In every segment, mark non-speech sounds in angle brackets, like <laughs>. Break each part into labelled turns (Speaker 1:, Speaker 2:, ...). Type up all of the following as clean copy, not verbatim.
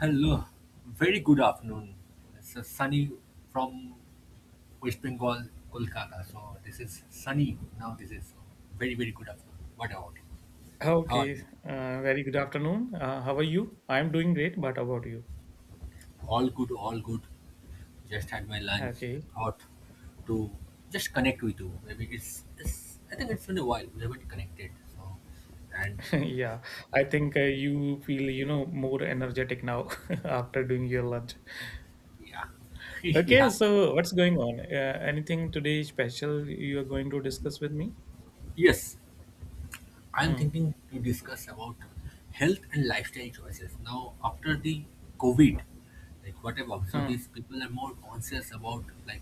Speaker 1: Hello, very good afternoon. It's a sunny from West Bengal, Kolkata. So this is sunny now. This is very very good afternoon. What about you? How are you?
Speaker 2: Okay, very good afternoon. How are you? I'm doing great, but how about you?
Speaker 1: All good, all good. Just had my lunch.
Speaker 2: Okay,
Speaker 1: Thought to just connect with you. Maybe it's I think it's been a while. We haven't connected. So and
Speaker 2: <laughs> yeah, I think you feel, you know, more energetic now <laughs> after doing your lunch.
Speaker 1: yeah, <laughs>
Speaker 2: Okay,
Speaker 1: yeah,
Speaker 2: so what's going on? Anything today special you are going to discuss with me?
Speaker 1: yes. I'm
Speaker 2: Hmm.
Speaker 1: thinking to discuss about health and lifestyle choices. Now, after the COVID, like what I've observed is
Speaker 2: Hmm.
Speaker 1: people are more conscious about like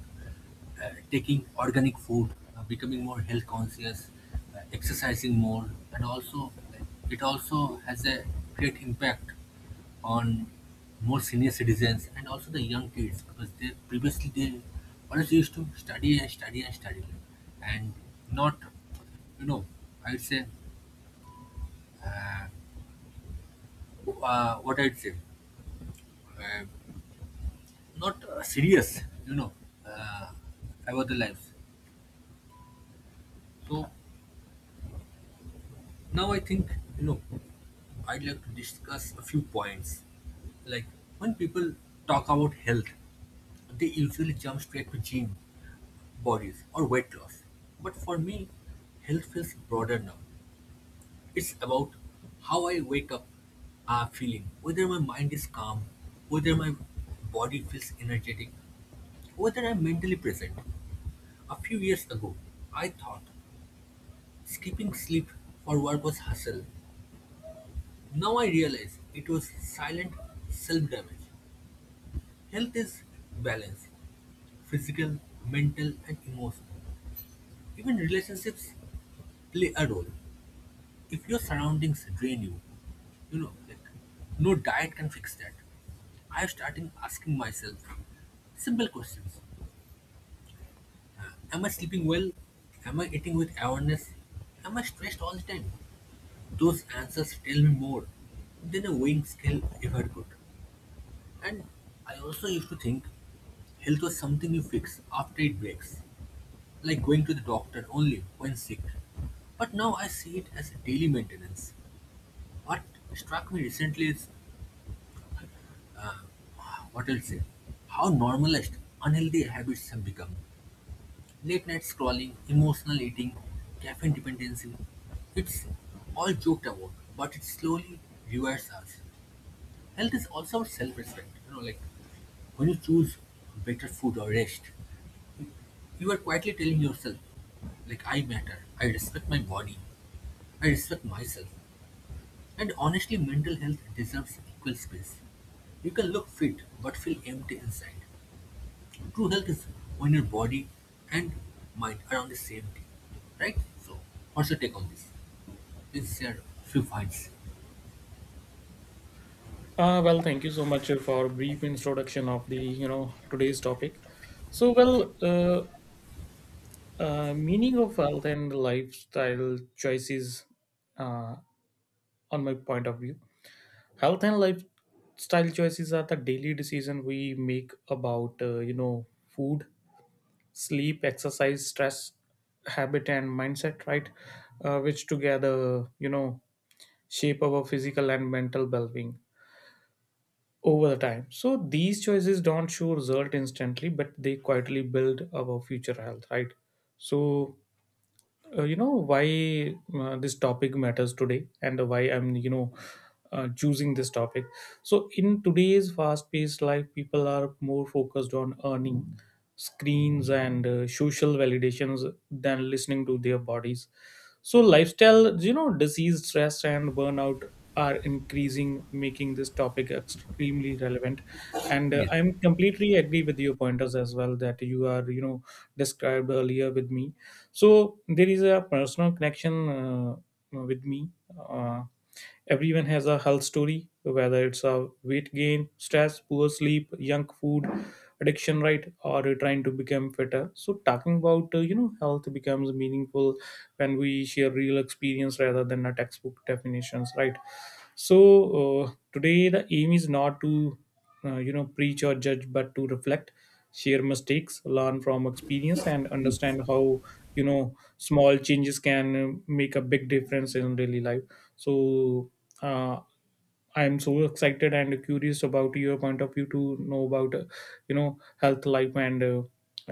Speaker 1: taking organic food, becoming more health conscious, exercising more, and also like, it also has a great impact on more senior citizens and also the young kids because they previously they always used to study and study and study and not you know I'd say uh, uh, what I'd say, uh, not serious, you know, uh, about the lives. So now I think, you know, I'd like to discuss a few points. Like when people talk about health, they usually jump straight to gym, bodies, or weight loss. But for me, health feels broader now. It's about how I wake up feeling, whether my mind is calm, whether my body feels energetic, whether I'm mentally present. A few years ago, I thought skipping sleep for work was hustle. Now I realize it was silent self damage. Health is balance physical, mental, and emotional. Even relationships play a role. If your surroundings drain you, you know, like no diet can fix that. I'm starting asking myself simple questions. Am I sleeping well? Am I eating with awareness? Am I stressed all the time? Those answers tell me more than a weighing scale ever could. And I also used to think health was something you fix after it breaks, like going to the doctor only when sick. But now I see it as a daily maintenance. What struck me recently is, uh, what I'll say, how normalized unhealthy habits have become. Late night scrolling, emotional eating, caffeine dependency. It's all joked about, but it slowly rewards us. Health is also about self-respect. You know, like when you choose better food or rest, you are quietly telling yourself, like I matter, I respect my body, I respect myself. And honestly, mental health deserves equal space. You can look fit but feel empty inside. True health is when your body and mind are on the same team, right? So, what's your take on this? Please share a few points.
Speaker 2: Well, thank you so much for brief introduction of the, you know, today's topic. So, meaning of health and lifestyle choices uh, on my point of view. Health and lifestyle choices are the daily decision we make about you know, food, sleep, exercise, stress, habit and mindset, right? Which together, you know, shape our physical and mental well-being over the time. So these choices don't show result instantly, but they quietly build our future health, right? So you know, why this topic matters today and why I'm, you know, choosing this topic. So in today's fast paced life people are more focused on earning, screens and social validations than listening to their bodies. So lifestyle, you know, disease, stress and burnout are increasing, making this topic extremely relevant. And
Speaker 1: Yes,
Speaker 2: I'm completely agree with your pointers as well that you are, you know, described earlier with me. So there is a personal connection with me. uh, Everyone has a health story, whether it's a weight gain, stress, poor sleep, junk food addiction, right, or trying to become fitter. So talking about you know, health becomes meaningful when we share real experience rather than a textbook definitions, right? So today the aim is not to you know, preach or judge, but to reflect, share mistakes, learn from experience and
Speaker 1: yes.
Speaker 2: understand how, you know, small changes can make a big difference in daily life. So uh, I'm so excited and curious about your point of view to know about you know, health life and uh,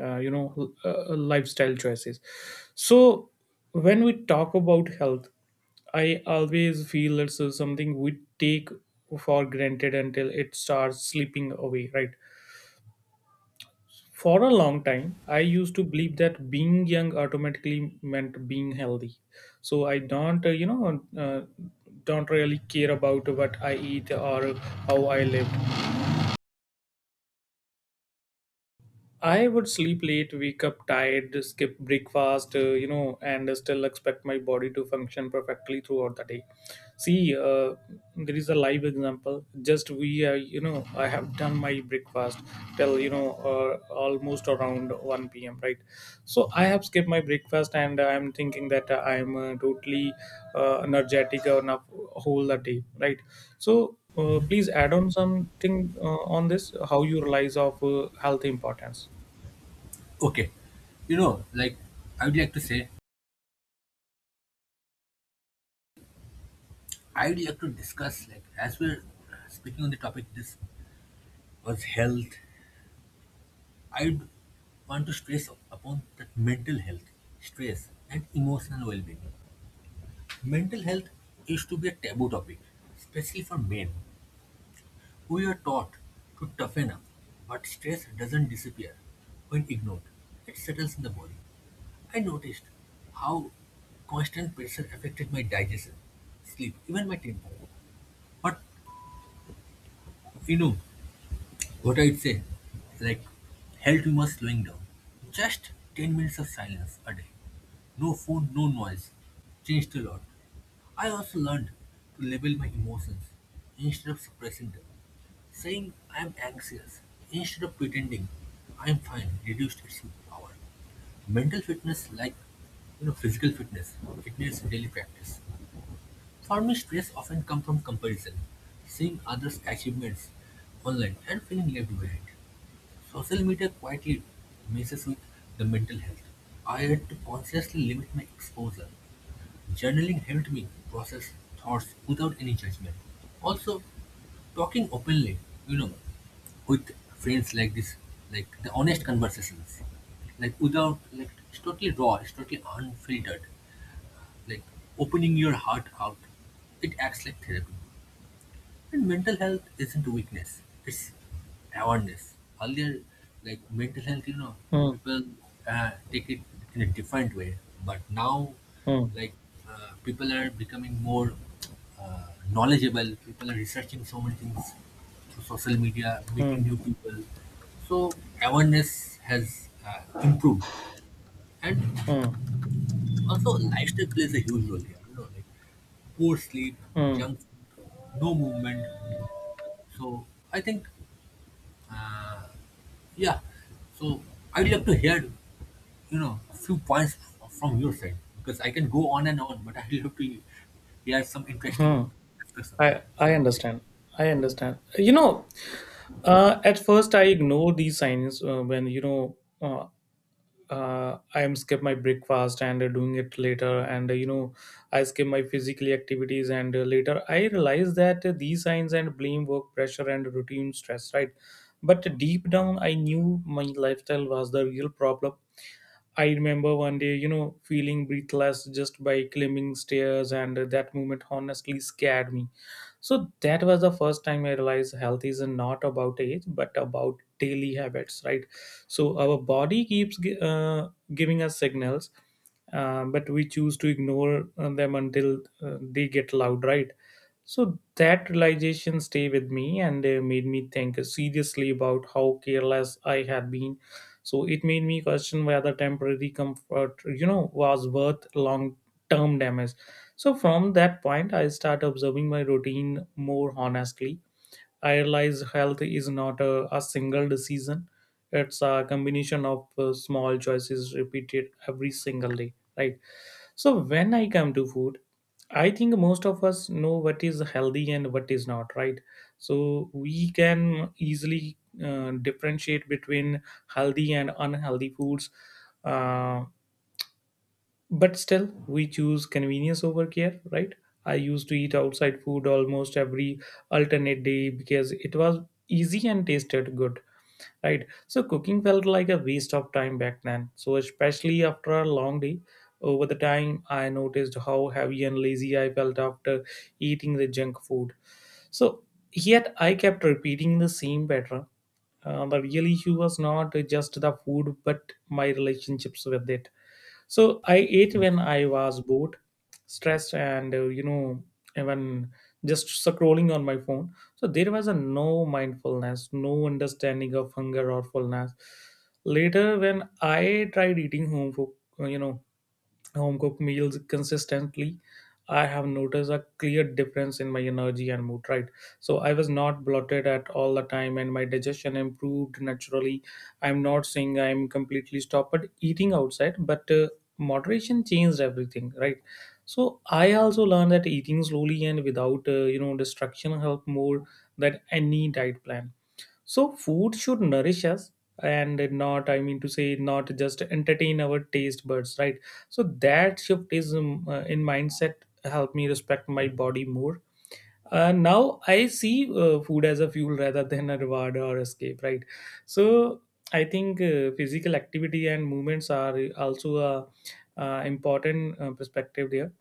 Speaker 2: uh, you know, lifestyle choices. So, when we talk about health, I always feel it's something we take for granted until it starts slipping away, right? For a long time, I used to believe that being young automatically meant being healthy. So I don't, don't really care about what I eat or how I live. I would sleep late, wake up tired, skip breakfast, you know, and still expect my body to function perfectly throughout the day. See, there is a live example. Just we, you know, I have done my breakfast till, you know, almost around 1 p.m., right? So I have skipped my breakfast and I'm thinking that I'm totally energetic enough whole the day, right? So please add on something on this, how you realize of health importance.
Speaker 1: Okay. You know, like, I would like to say, I would like to discuss, like, as we're speaking on the topic, this was health. I would want to stress upon that mental health, stress, and emotional well being. Mental health used to be a taboo topic, especially for men. We are taught to toughen up, but stress doesn't disappear when ignored. It settles in the body. I noticed how constant pressure affected my digestion, sleep, even my tempo. But you know what I'd say? Like, health humor slowing down. Just 10 minutes of silence a day. No phone, no noise. Changed a lot. I also learned to label my emotions instead of suppressing them. Saying I am anxious instead of pretending I am fine reduced its power. Mental fitness, like you know, physical fitness, it needs daily practice. For me, stress often comes from comparison, seeing others' achievements online and feeling left behind. Social media quietly messes with the mental health. I had to consciously limit my exposure. Journaling helped me process thoughts without any judgment. Also, talking openly, you know, with friends like this, like the honest conversations, like without, like it's totally raw, it's totally unfiltered, like opening your heart out. It acts like therapy. And mental health isn't weakness, it's awareness. Earlier, like mental health, you know,
Speaker 2: Hmm,
Speaker 1: people take it in a different way. But now,
Speaker 2: hmm,
Speaker 1: like, people are becoming more knowledgeable, people are researching so many things through social media, meeting
Speaker 2: hmm,
Speaker 1: new people. So, awareness has improved. And
Speaker 2: hmm,
Speaker 1: also, lifestyle plays a huge role here. You know, like, poor sleep,
Speaker 2: hmm,
Speaker 1: junk food, no movement. So I think Uh, yeah, so I'd love to hear, you know, a few points from your side because I can go on and on, but I'd love to hear some interesting
Speaker 2: hmm.
Speaker 1: discussion
Speaker 2: I
Speaker 1: from your side.
Speaker 2: understand. I understand. You know, at first I ignore these signs when you know I am skip my breakfast and doing it later, and you know, I skip my physically activities, and later I realize that these signs and blame work pressure and routine stress, right? But deep down, I knew my lifestyle was the real problem. I remember one day, you know, feeling breathless just by climbing stairs, and that moment honestly scared me. So that was the first time I realized health is not about age, but about daily habits, right? So our body keeps giving us signals, but we choose to ignore them until they get loud, right? So that realization stayed with me and made me think seriously about how careless I had been. So it made me question whether temporary comfort, you know, was worth long term damage. So from that point, I start observing my routine more honestly. I realize health is not a single decision; it's a combination of small choices repeated every single day, right? So when I come to food, I think most of us know what is healthy and what is not, right? So we can easily differentiate between healthy and unhealthy foods. Uh, but still, we choose convenience over care, right? I used to eat outside food almost every alternate day because it was easy and tasted good, right? So cooking felt like a waste of time back then, so especially after a long day. Over the time I noticed how heavy and lazy I felt after eating the junk food. So yet I kept repeating the same pattern. The real issue was not just the food but my relationships with it. So I ate when I was bored, stressed and you know, even just scrolling on my phone. So there was a no mindfulness, no understanding of hunger or fullness. Later when I tried eating home food, you know, home cooked meals consistently, I have noticed a clear difference in my energy and mood, right? So I was not bloated at all the time and my digestion improved naturally. I'm not saying I'm completely stopped but eating outside, but moderation changed everything, right? So I also learned that eating slowly and without you know, distraction help more than any diet plan. So food should nourish us and not, I mean to say, not just entertain our taste buds, right? So that shift is in mindset, help me respect my body more. Now I see food as a fuel rather <laughs> than a reward or escape, right? So I think physical activity and movements are also a important perspective there.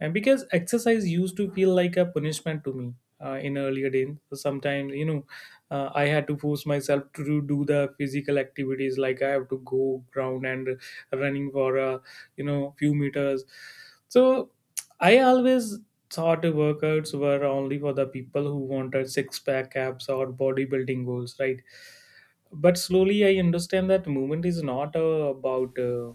Speaker 2: And because exercise used to feel like a punishment to me in earlier days. So sometimes, you know, I had to force myself to do the physical activities, like I have to go ground and running for a, you know, few meters. So I always thought workouts were only for the people who wanted six pack abs or bodybuilding goals, right? But slowly I understand that movement is not about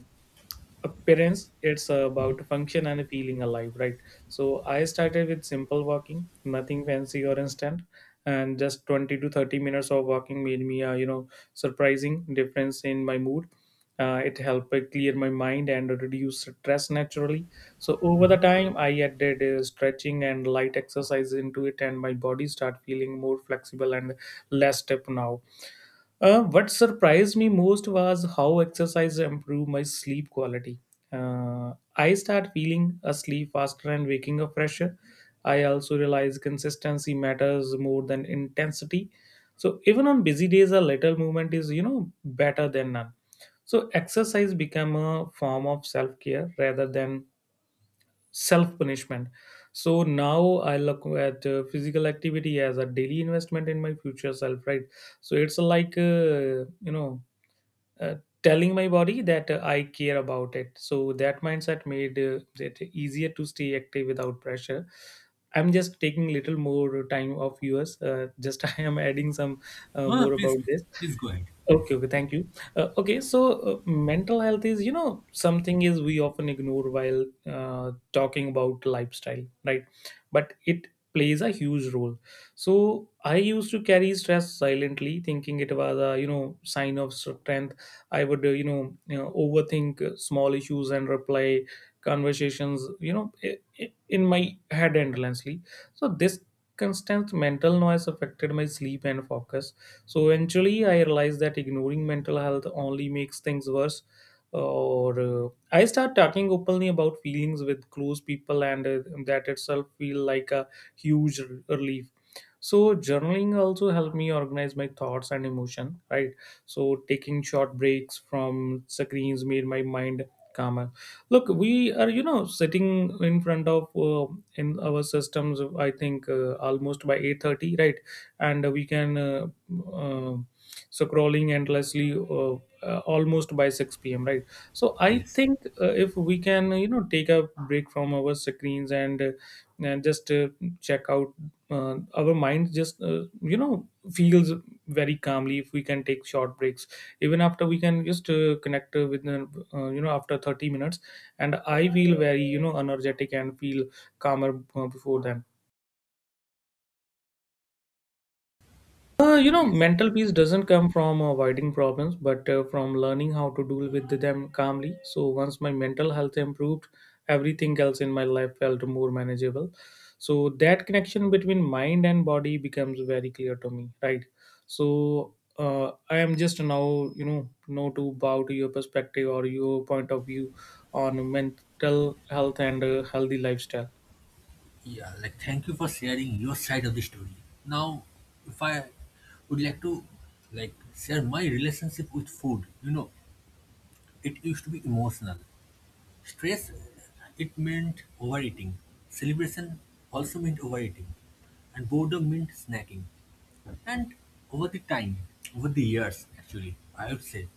Speaker 2: appearance, it's about function and feeling alive, right? So I started with simple walking, nothing fancy or instant, and just 20 to 30 minutes of walking made me, you know, surprising difference in my mood. It helped clear my mind and reduce stress naturally. So over the time I added stretching and light exercises into it and my body start feeling more flexible and less stiff now. What surprised me most was how exercise improved my sleep quality. I start feeling asleep faster and waking up fresher. I also realize consistency matters more than intensity. So even on busy days, a little movement is, you know, better than none. So exercise become a form of self care rather than self punishment. So now I look at physical activity as a daily investment in my future self, right? So it's like, you know, uh, telling my body that I care about it. So that mindset made it easier to stay active without pressure. I'm just taking little more time of yours, just <laughs> I am adding some
Speaker 1: No, no,
Speaker 2: more
Speaker 1: please,
Speaker 2: about
Speaker 1: please,
Speaker 2: this.
Speaker 1: please go ahead. Yes,
Speaker 2: Okay, okay, thank you. Okay, so mental health is, you know, something is we often ignore while talking about lifestyle, right? But it plays a huge role. So I used to carry stress silently thinking it was a, you know, sign of strength. I would you know, overthink small issues and reply conversations, you know, in my head endlessly. So this constant mental noise affected my sleep and focus. So eventually, I realized that ignoring mental health only makes things worse. Or I start talking openly about feelings with close people, and that itself feel like a huge relief. So journaling also helped me organize my thoughts and emotion, right? So taking short breaks from screens made my mind calmer. Look, we are, you know, sitting in front of in our systems, I think almost by 8:30, right? And we can uh, scrolling endlessly almost by 6 p.m, right? So I
Speaker 1: yes,
Speaker 2: think if we can, you know, take a break from our screens and just check out our mind, just you know, feels very calmly if we can take short breaks. Even after we can just connect with the, you know, after 30 minutes, and I feel very, you know, energetic and feel calmer before then. You know,
Speaker 1: yes.
Speaker 2: mental peace doesn't come from avoiding problems, but from learning how to deal with them calmly. So once my mental health improved, everything else in my life felt more manageable. So that connection between mind and body becomes very clear to me, right? So I am just now, know to bow to your perspective or your point of view on mental health and healthy lifestyle.
Speaker 1: Yeah, like thank you for sharing your side of the story. Now, if I would like to like share my relationship with food, you know, it used to be emotional. Stress, it meant overeating. Celebration also meant overeating. And boredom meant snacking. And over the time, over the years, actually, I would say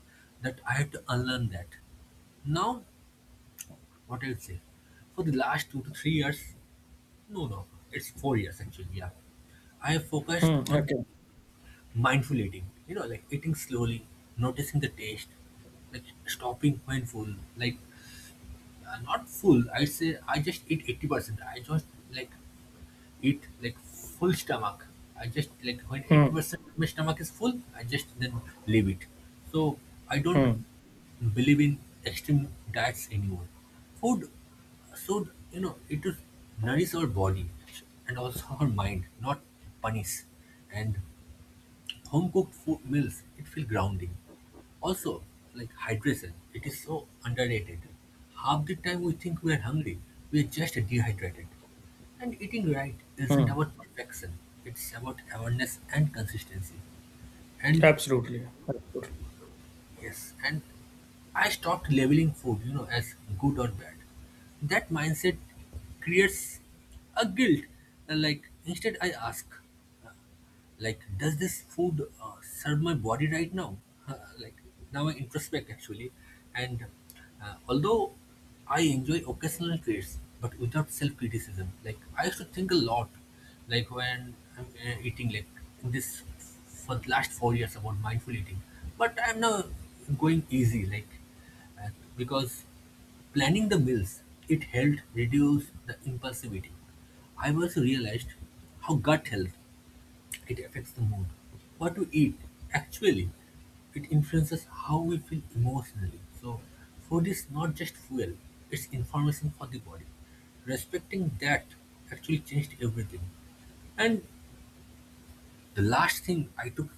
Speaker 1: that I had to unlearn that. Now, what I would say, for the last 2 to 3 years, no, no, it's 4 years actually, yeah. I have focused
Speaker 2: Hmm,
Speaker 1: on
Speaker 2: okay.
Speaker 1: mindful eating, you know, like eating slowly, noticing the taste, like stopping when full, like not full. I say I just eat 80%. I just like eat like full stomach. I just like when eighty
Speaker 2: Hmm,
Speaker 1: percent of my stomach is full, I just then leave it. So I don't
Speaker 2: hmm,
Speaker 1: believe in extreme diets anymore. Food should you know it should nourish our body and also our mind, not punish. And home cooked food meals, it feel grounding. Also, like hydration, it is so underrated. Half the time we think we are hungry, we are just dehydrated. And eating right isn't
Speaker 2: hmm.
Speaker 1: about perfection, it's about awareness and consistency. And
Speaker 2: Absolutely. Absolutely.
Speaker 1: yes, and I stopped labeling food, you know, as good or bad. That mindset creates a guilt. Like instead, I ask like does this food serve my body right now? <laughs> Like now I introspect actually. And although I enjoy occasional treats but without self-criticism, like I used to think a lot, like when I'm eating like in this for the last 4 years about mindful eating, but I'm now going easy, like uh, because planning the meals, it helped reduce the impulsive eating. I've also realized how gut health it affects the mood. What we eat, actually, it influences how we feel emotionally. So, food is not just fuel, it's information for the body. Respecting that actually changed everything. And the last thing I took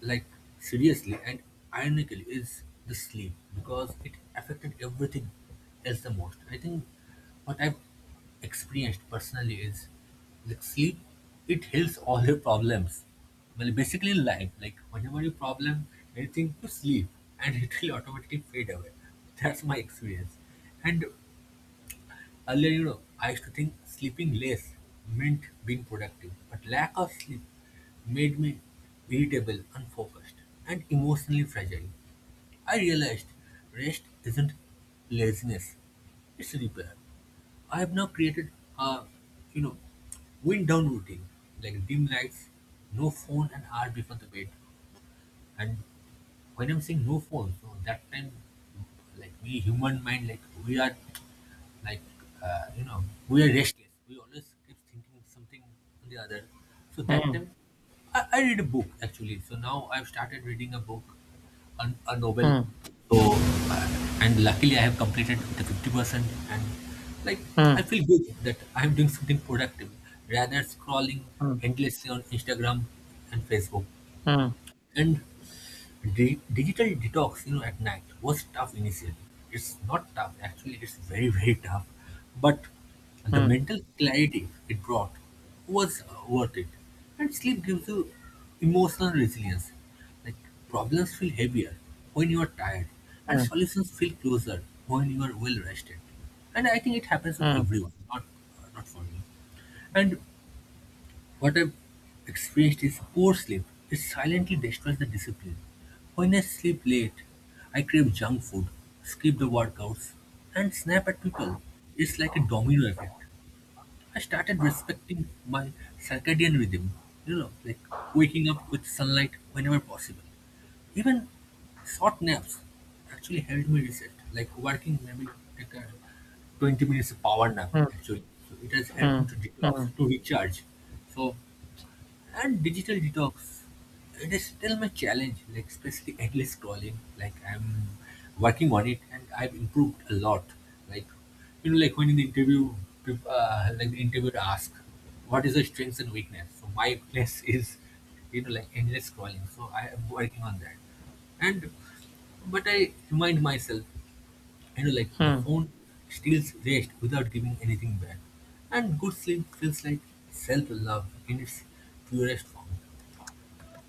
Speaker 1: like seriously and ironically is the sleep because it affected everything else the most. I think what I've experienced personally is like sleep it heals all your problems. Well basically in life, like whenever you problem anything you sleep and <laughs> it will automatically fade away. That's my experience. And earlier, you know, I used to think sleeping less meant being productive, but lack of sleep made me irritable, unfocused, and emotionally fragile. I realized rest isn't laziness, it's repair. I have now created a, you know, wind down routine like dim lights, no phone an hour before the bed, and when I'm saying no phones, so that time, like we human mind, like we are, like you know, we are restless. We always keep thinking something or the other. So that
Speaker 2: Hmm,
Speaker 1: time, I read a book actually. So now I've started reading a book, a novel.
Speaker 2: hmm.
Speaker 1: So and luckily I have completed the 50%, and like I feel good that I'm doing something productive rather scrolling endlessly on Instagram and Facebook. And digital detox, you know, at night was tough initially. It's not tough, actually, it's very, <laughs> very tough. But the mental clarity it brought was worth it. And sleep gives you emotional resilience. Like problems feel heavier when you are tired, and solutions feel closer when you are well rested. And I think it happens with everyone, not for me. And what I've experienced is poor sleep. It silently destroys the discipline. When I sleep late, I crave junk food, skip the workouts, and snap at people. It's like a domino effect. I started respecting my circadian rhythm, you know, like waking up with sunlight whenever possible. Even short naps actually helped me reset. Like working maybe like a 20 minutes power nap
Speaker 2: Hmm.
Speaker 1: actually. So it has helped
Speaker 2: Hmm.
Speaker 1: me to detox,
Speaker 2: Hmm.
Speaker 1: to recharge. So and digital detox it is still my challenge, like especially endless scrolling, like I'm working on it and I've improved a lot. Like, you know, like when in the interview like the interviewer ask what is your strengths and weakness, so my weakness <laughs> is you know like endless scrolling, so I am working on that. And but I remind myself, you know, like the
Speaker 2: Hmm.
Speaker 1: phone steals rest without giving anything back. And good sleep feels like self-love in its purest form.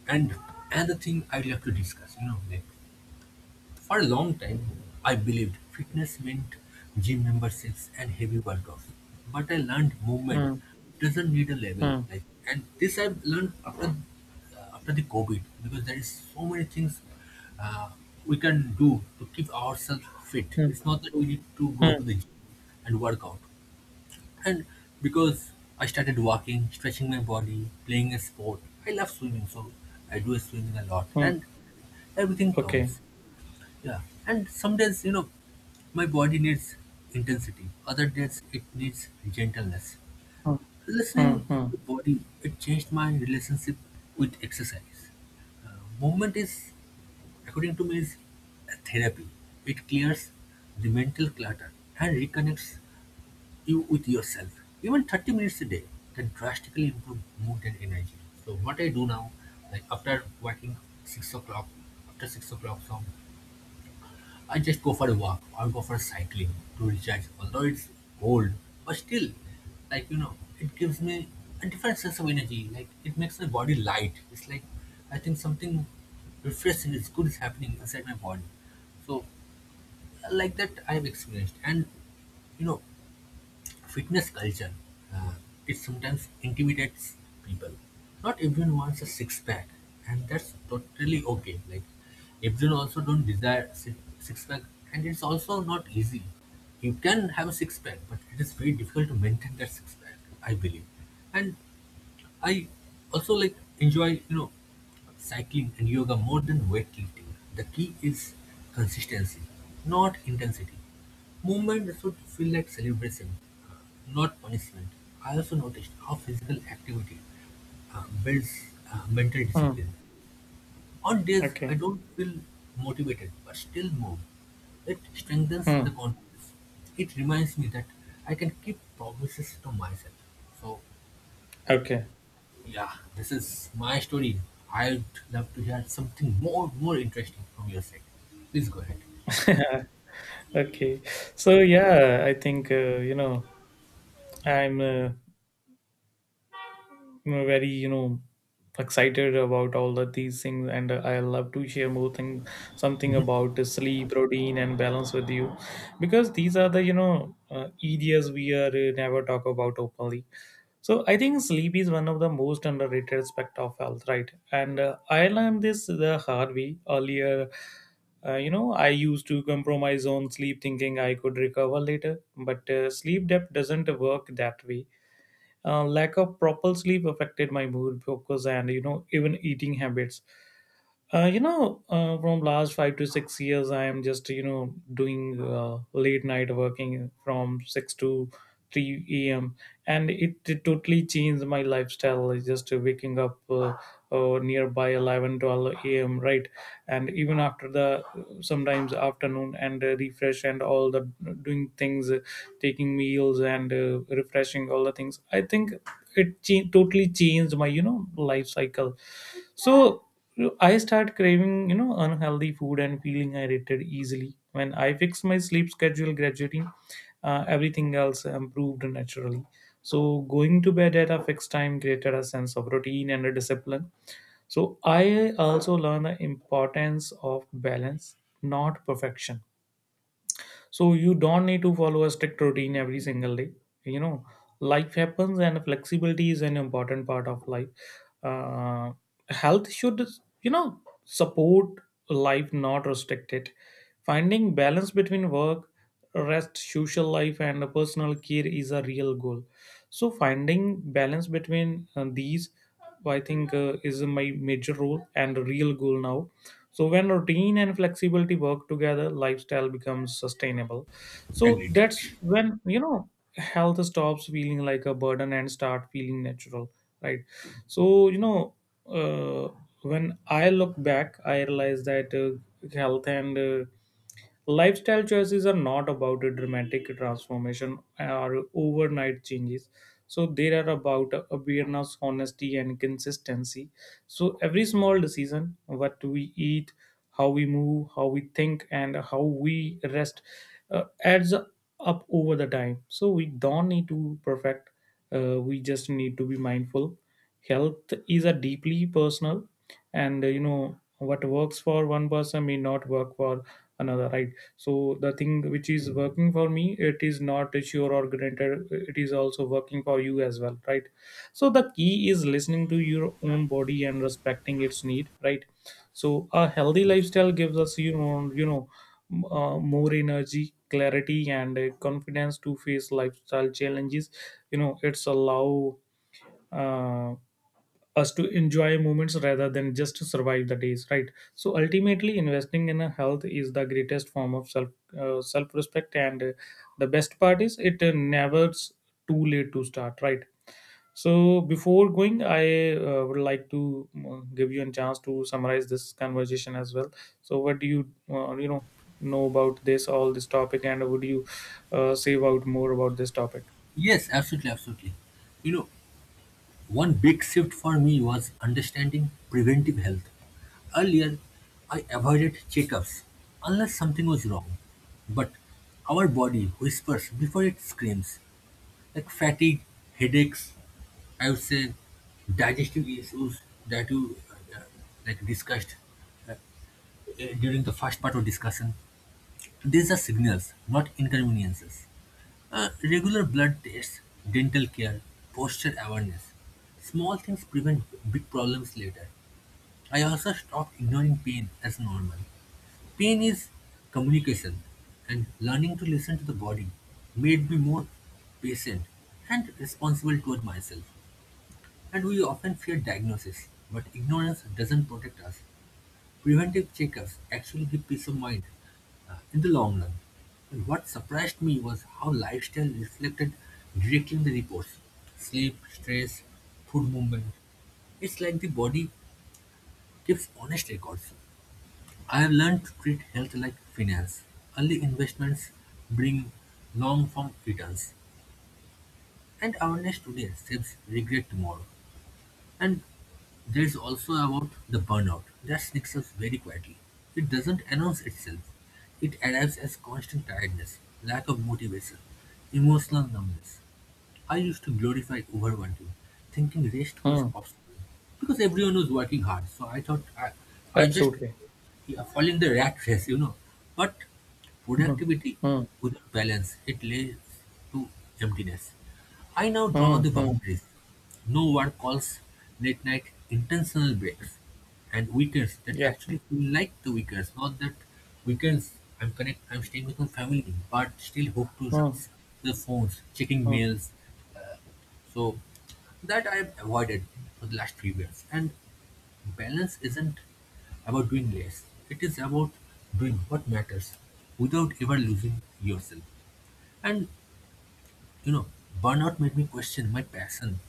Speaker 1: And another thing I'd like to discuss, you know, like for a long time, I believed fitness meant gym memberships and heavy workouts. But I learned movement
Speaker 2: Hmm.
Speaker 1: doesn't need a level.
Speaker 2: Hmm.
Speaker 1: Like, and this I've learned after after the COVID, because there is so many things uh, we can do to keep ourselves fit.
Speaker 2: Hmm.
Speaker 1: It's not that we need to go to
Speaker 2: Hmm.
Speaker 1: the gym and work out. And because I started walking, stretching my body, playing a sport. I love swimming, so I do swimming a lot.
Speaker 2: Mm.
Speaker 1: And everything
Speaker 2: Okay.
Speaker 1: counts, yeah, and some days, you know, my body needs intensity. Other days, it needs gentleness.
Speaker 2: Hmm. Hmm.
Speaker 1: Listening
Speaker 2: Hmm.
Speaker 1: to the body, it changed my relationship with exercise. Uh, Movement is, according to me, is a therapy. It clears the mental clutter and reconnects you with yourself. Even 30 minutes a day can drastically improve mood and energy. So what I do now, like after working 6 o'clock, after 6 o'clock, some I just go for a walk or go for cycling to recharge. Although it's cold, but still, like you know, it gives me a different sense of energy. Like it makes my body light. It's like I think something refreshing is good is happening inside my body. So like that I have experienced. And you know fitness culture, uh, it sometimes intimidates people. Not everyone wants a six pack, and that's totally okay. Like everyone also don't desire six pack, and it's also not easy. You can have a six pack, but it is very difficult to maintain that six pack, I believe. And I also like enjoy, you know, cycling and yoga more than weightlifting. The key is consistency, not intensity. Movement should feel like celebration, uh, not punishment. I also noticed how physical activity builds mental
Speaker 2: Mm.
Speaker 1: discipline. On days I
Speaker 2: Okay.
Speaker 1: don't feel motivated but still move, it strengthens the
Speaker 2: Hmm.
Speaker 1: confidence. It reminds me that I can keep promises to myself. So
Speaker 2: Okay.
Speaker 1: yeah, this is my story. I'd love to hear something more interesting from your side. Please go ahead.
Speaker 2: <laughs> Okay. So yeah, I think I'm very excited about all of these things, and I love to share more thing something
Speaker 1: Mhm.
Speaker 2: about the sleep routine and balance with you, because these are the areas we are never talk about openly. So I think sleep is one of the most underrated aspect of health, right? And I learned this the hard way earlier. I used to compromise on sleep, thinking I could recover later. But sleep depth doesn't work that way. Lack of proper sleep affected my mood, focus, and even eating habits. From last 5 to 6 years, I am just doing late night working from 6 to 3 a.m., and it totally changed my lifestyle. It's just waking up nearby 11-12 a.m. Right, and even after the sometimes afternoon and refresh and all the doing things, taking meals and refreshing all the things, I think it totally changed my life cycle. So I start craving unhealthy food and feeling irritated easily. When I fixed my sleep schedule gradually, everything else improved naturally. So going to bed at a fixed time created a sense of routine and a discipline. So I also learn the importance of balance, not perfection. So you don't need to follow a strict routine every single day you know Life happens and flexibility is an important part of life. uh, Health should support life, not restrict it. Finding balance between work, rest, social life and personal care is a real goal. So finding balance between these, I think, is my major role and real goal now. So when routine and flexibility work together, lifestyle becomes sustainable. So
Speaker 1: Agreed.
Speaker 2: that's when health stops feeling like a burden and start feeling natural, right? So uh, when I look back, I realize that health and lifestyle choices are not about a dramatic transformation or overnight changes. So they are about awareness, honesty, and consistency. So every small decision, what we eat, how we move, how we think, and how we rest, adds up over the time. So we don't need to perfect. We just need to be mindful. Health is a deeply personal, and what works for one person may not work for another. Right, so the thing which is working for me, it is not sure or granted it is also working for you as well, right? So the key is listening to your own body and respecting its need, right? So a healthy lifestyle gives us, more energy, clarity and confidence to face lifestyle challenges. You know, it's allow uh, us to enjoy moments rather than just to survive the days, right? So ultimately investing in a health is the greatest form of self respect, and the best part is it never's too late to start, right? So before going, I would like to give you a chance to summarize this conversation as well. So what do you, uh, you know know about this, all this topic, and would you say about more about this topic?
Speaker 1: Yes, absolutely, absolutely. You know, one big shift for me was understanding preventive health. Earlier, I avoided checkups unless something was wrong. But our body whispers before it screams, like fatigue, headaches, I would say digestive issues that you uh, like discussed during the first part of discussion. These are signals, not inconveniences. Regular blood tests, dental care, posture awareness. Small things prevent big problems later. I also stopped ignoring pain as normal. Pain is communication, and learning to listen to the body made me more patient and responsible toward myself. And we often fear diagnosis, but ignorance doesn't protect us. Preventive checkups actually give peace of mind in the long run. And what surprised me was how lifestyle reflected directly in the reports: sleep, stress, food movement. It's like the body keeps honest records. I have learned to treat health like finance. Early investments bring long form returns, and awareness today saves regret tomorrow. And there's also about the burnout that sneaks up very quietly. It doesn't announce itself. It arrives as constant tiredness, lack of motivation, emotional numbness. I used to glorify overworking, thinking rest was
Speaker 2: Hmm.
Speaker 1: optional. Because everyone was working hard, so I thought I just
Speaker 2: Absolutely.
Speaker 1: yeah, following the rat race, you know. But
Speaker 2: Hmm.
Speaker 1: productivity
Speaker 2: Hmm.
Speaker 1: without balance, it leads to emptiness. I now draw
Speaker 2: Hmm.
Speaker 1: the
Speaker 2: Hmm.
Speaker 1: boundaries. No one calls, late night intentional breaks, and weekends that
Speaker 2: Yeah.
Speaker 1: actually feel like the weekends, not that weekends I'm staying with my family, but still hooked to
Speaker 2: Hmm.
Speaker 1: the phones, checking
Speaker 2: Hmm.
Speaker 1: mails. So that I've avoided for the last few years. And balance isn't about doing less. It is about doing what matters without ever losing yourself. And you know, burnout made me question my passion.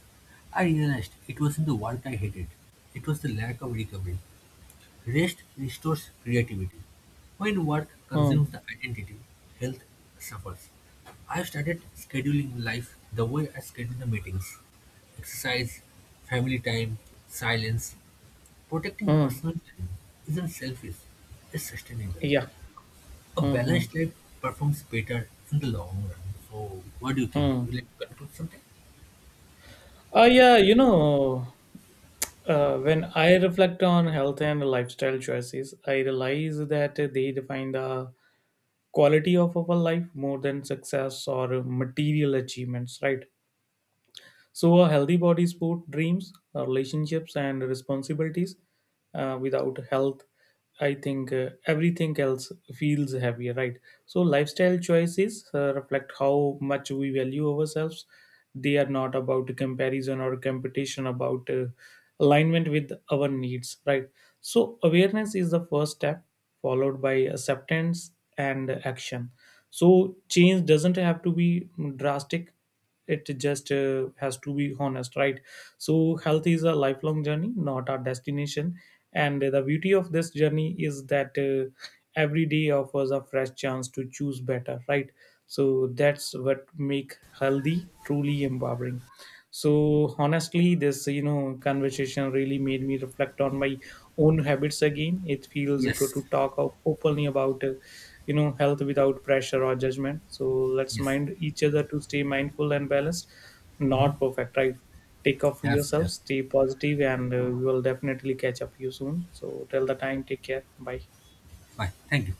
Speaker 1: I realized it wasn't the work I hated, it was the lack of recovery. Rest restores creativity. When work
Speaker 2: Hmm.
Speaker 1: consumes the identity, health suffers. I started scheduling life the way I schedule the meetings: exercise, family time, silence. Protecting
Speaker 2: Hmm.
Speaker 1: personal time isn't selfish, it's sustainable.
Speaker 2: Yeah.
Speaker 1: A
Speaker 2: Hmm. Hmm.
Speaker 1: balanced life performs better in the long run. So, what do you think?
Speaker 2: Hmm.
Speaker 1: Would you like to conclude something?
Speaker 2: Yeah, when I reflect on health and lifestyle choices, I realize that they define the quality of our life more than success or material achievements, right? So, a healthy body supports dreams, relationships, and responsibilities. Without health, I think everything else feels heavier, right? So, lifestyle choices reflect how much we value ourselves. They are not about comparison or competition, about alignment with our needs, right? So, awareness is the first step, followed by acceptance and action. So, change doesn't have to be drastic, it just has to be honest, right? So health is a lifelong journey, not a destination, and the beauty of this journey is that every day offers a fresh chance to choose better, right? So that's what make healthy truly empowering. So honestly this, conversation really made me reflect on my own habits again. It feels good
Speaker 1: Yes.
Speaker 2: to talk openly about health without pressure or judgment. So let's
Speaker 1: Yes.
Speaker 2: mind each other to stay mindful and balanced,
Speaker 1: Mhm.
Speaker 2: not perfect, right? Take off
Speaker 1: Yes. Yeah.
Speaker 2: yourselves, stay positive, and we will definitely catch up you soon. So till the time, take care, bye.
Speaker 1: Fine. Thank you.